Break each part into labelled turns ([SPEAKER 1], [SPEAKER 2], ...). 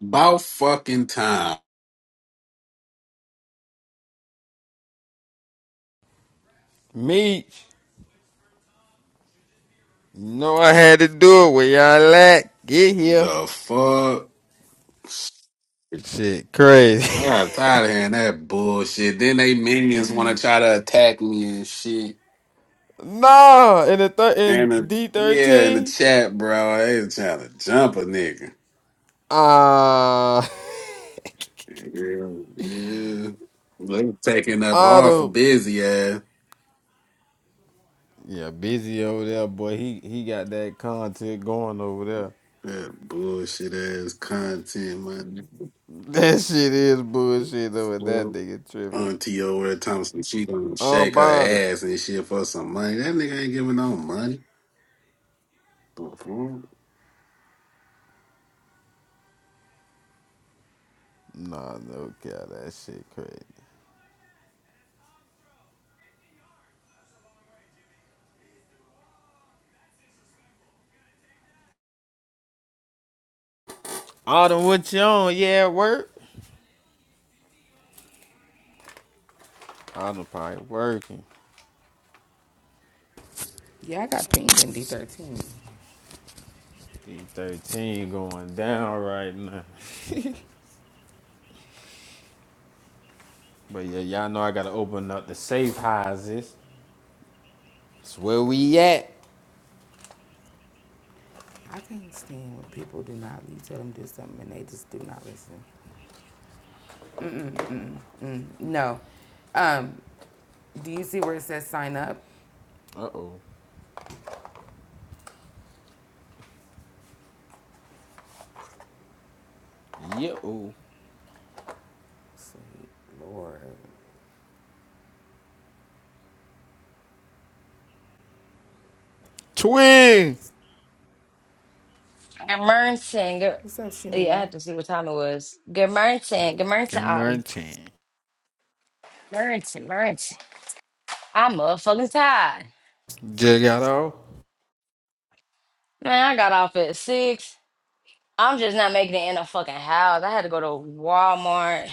[SPEAKER 1] About fucking time.
[SPEAKER 2] Meech, you know I had to do it where y'all at. Get here.
[SPEAKER 1] The fuck?
[SPEAKER 2] Shit,
[SPEAKER 1] I
[SPEAKER 2] crazy.
[SPEAKER 1] got tired of hearing that bullshit. Then they minions want to try to attack me and shit.
[SPEAKER 2] Nah, in the thir- in
[SPEAKER 1] And the,
[SPEAKER 2] D
[SPEAKER 1] yeah, in the
[SPEAKER 2] thirteen.
[SPEAKER 1] chat, bro, they was trying to jump a nigga.
[SPEAKER 2] Ah,
[SPEAKER 1] Yeah, yeah. They taking up hard for
[SPEAKER 2] Autumn.
[SPEAKER 1] busy ass.
[SPEAKER 2] Yeah, busy over there, boy. He he got that content going over there.
[SPEAKER 1] That bullshit ass content, man.
[SPEAKER 2] That shit is bullshit over that
[SPEAKER 1] Well,
[SPEAKER 2] nigga tripping.
[SPEAKER 1] Auntie over at Thompson, she gonna shake her
[SPEAKER 2] Unbothered.
[SPEAKER 1] ass and shit for some money. That nigga ain't giving no money. The fuck?
[SPEAKER 2] Nah, no cow, that shit crazy. Autumn, what you on? Yeah, work. Autumn probably working.
[SPEAKER 3] Yeah, I got pinged in D13.
[SPEAKER 2] D thirteen going down right now. But yeah, y'all know I gotta open up the safe houses. That's where we at.
[SPEAKER 3] I can't stand when people do not, you tell them to do something and they just do not listen. Mm-mm, mm-mm, mm, no. Um, do you see where it says sign up?
[SPEAKER 2] Uh oh. Yo.
[SPEAKER 3] Sweet Lord.
[SPEAKER 2] Twin.
[SPEAKER 4] Germerson. Ger-
[SPEAKER 3] What's up,
[SPEAKER 4] yeah, I
[SPEAKER 3] Shimimi?
[SPEAKER 4] had to see what time it was. Germerson. Germerson
[SPEAKER 2] Cameron
[SPEAKER 4] Autumn. Germerson. Germerson. I'm motherfucking tired.
[SPEAKER 2] Just got off.
[SPEAKER 4] Man, I got off at six. I'm just not making it in a fucking house. I had to go to Walmart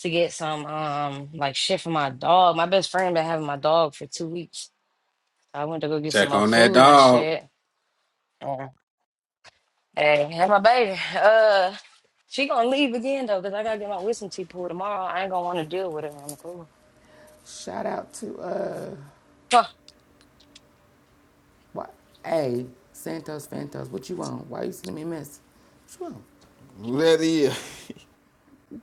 [SPEAKER 4] to get some um like shit for my dog. My best friend been having my dog for two weeks. I went to go get some
[SPEAKER 1] Check
[SPEAKER 4] more
[SPEAKER 1] on that
[SPEAKER 4] food and
[SPEAKER 1] dog.
[SPEAKER 4] shit. Yeah. Hey, have my baby. Uh, she gonna leave again though, cause I gotta get my wisdom teeth pulled tomorrow. I ain't gonna want to deal with it on the cool.
[SPEAKER 3] Shout out to, uh, what? hey, Santos Fantos, what you want? Why you sending me a miss? What you want?
[SPEAKER 2] Let it.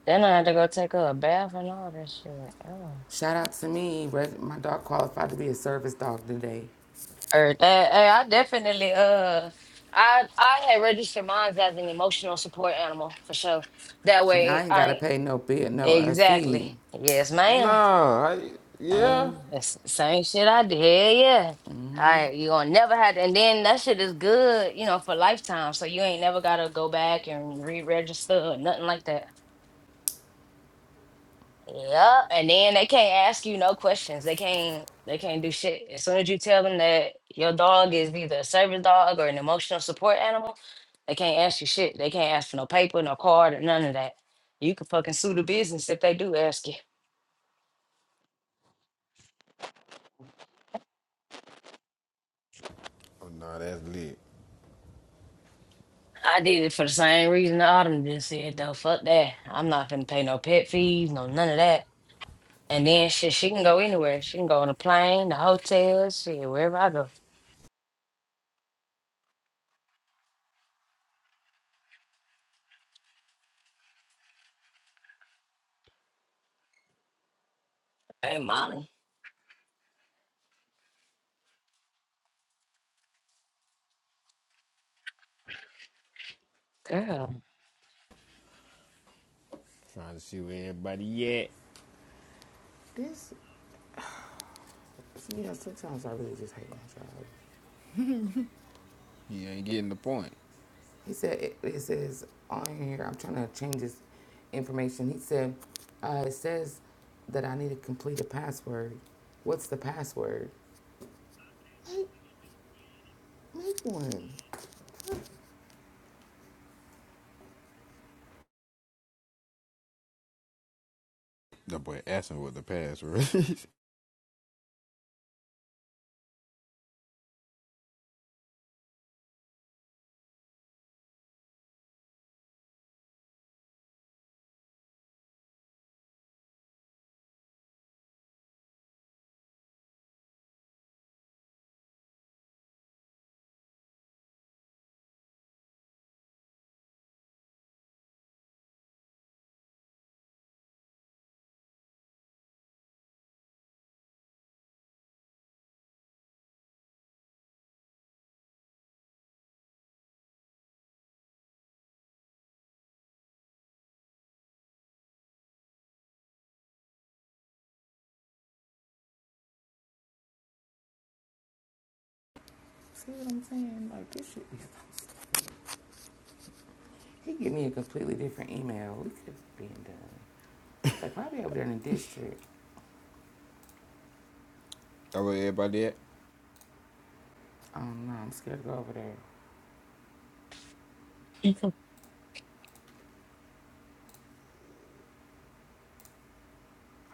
[SPEAKER 4] Then I had to go take her a bath and all that shit. Oh.
[SPEAKER 3] Shout out to me. My dog qualified to be a service dog today.
[SPEAKER 4] Or that, hey, I definitely uh I I had registered mine as an emotional support animal for sure. That
[SPEAKER 3] So now I
[SPEAKER 4] way
[SPEAKER 3] ain't got
[SPEAKER 4] I
[SPEAKER 3] to
[SPEAKER 4] ain't-
[SPEAKER 3] pay no bill, no uh, fee.
[SPEAKER 4] exactly. Yes, ma'am.
[SPEAKER 2] Nah. I, yeah.
[SPEAKER 4] Same that's the same shit I did. Hell yeah. I you gonna never have to, and then that shit is good, you know, for lifetime. So you ain't never gotta go back and re-register or nothing like that. Yeah, and then they can't ask you no questions. They can't they can't do shit. As soon as you tell them that your dog is either a service dog or an emotional support animal, they can't ask you shit. They can't ask for no paper, no card, or none of that. You can fucking sue the business if they do ask you.
[SPEAKER 2] Oh, no, that's lit.
[SPEAKER 4] I did it for the same reason the Autumn just said though. Fuck that. I'm not finna pay no pet fees, no none of that. And then shit, she can go anywhere. She can go on a plane, the hotel, shit, wherever I go. Hey Molly. girl.
[SPEAKER 2] Trying to see where everybody at.
[SPEAKER 3] This, you know, sometimes I really just hate my job.
[SPEAKER 2] He ain't getting the point.
[SPEAKER 3] He said, it, it says on here, I'm trying to change this information. He said, uh, it says that I need to complete a password. What's the password? Make, make one.
[SPEAKER 2] That boy asking what the pass was.
[SPEAKER 3] See what I'm saying? Like, this should be. He gave me a completely different email. We could have been done. They probably over there in the district.
[SPEAKER 2] Oh, where everybody at?
[SPEAKER 3] I don't know. I'm scared to go over there.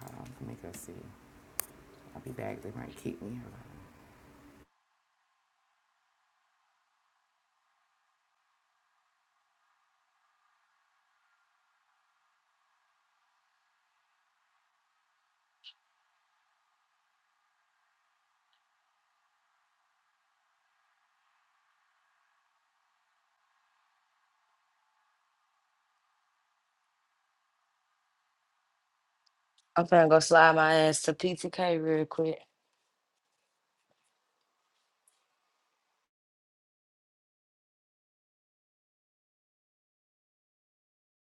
[SPEAKER 3] Um, let me go see. I'll be back. They might kick me
[SPEAKER 4] I'm finna go slide my ass to PTK real quick.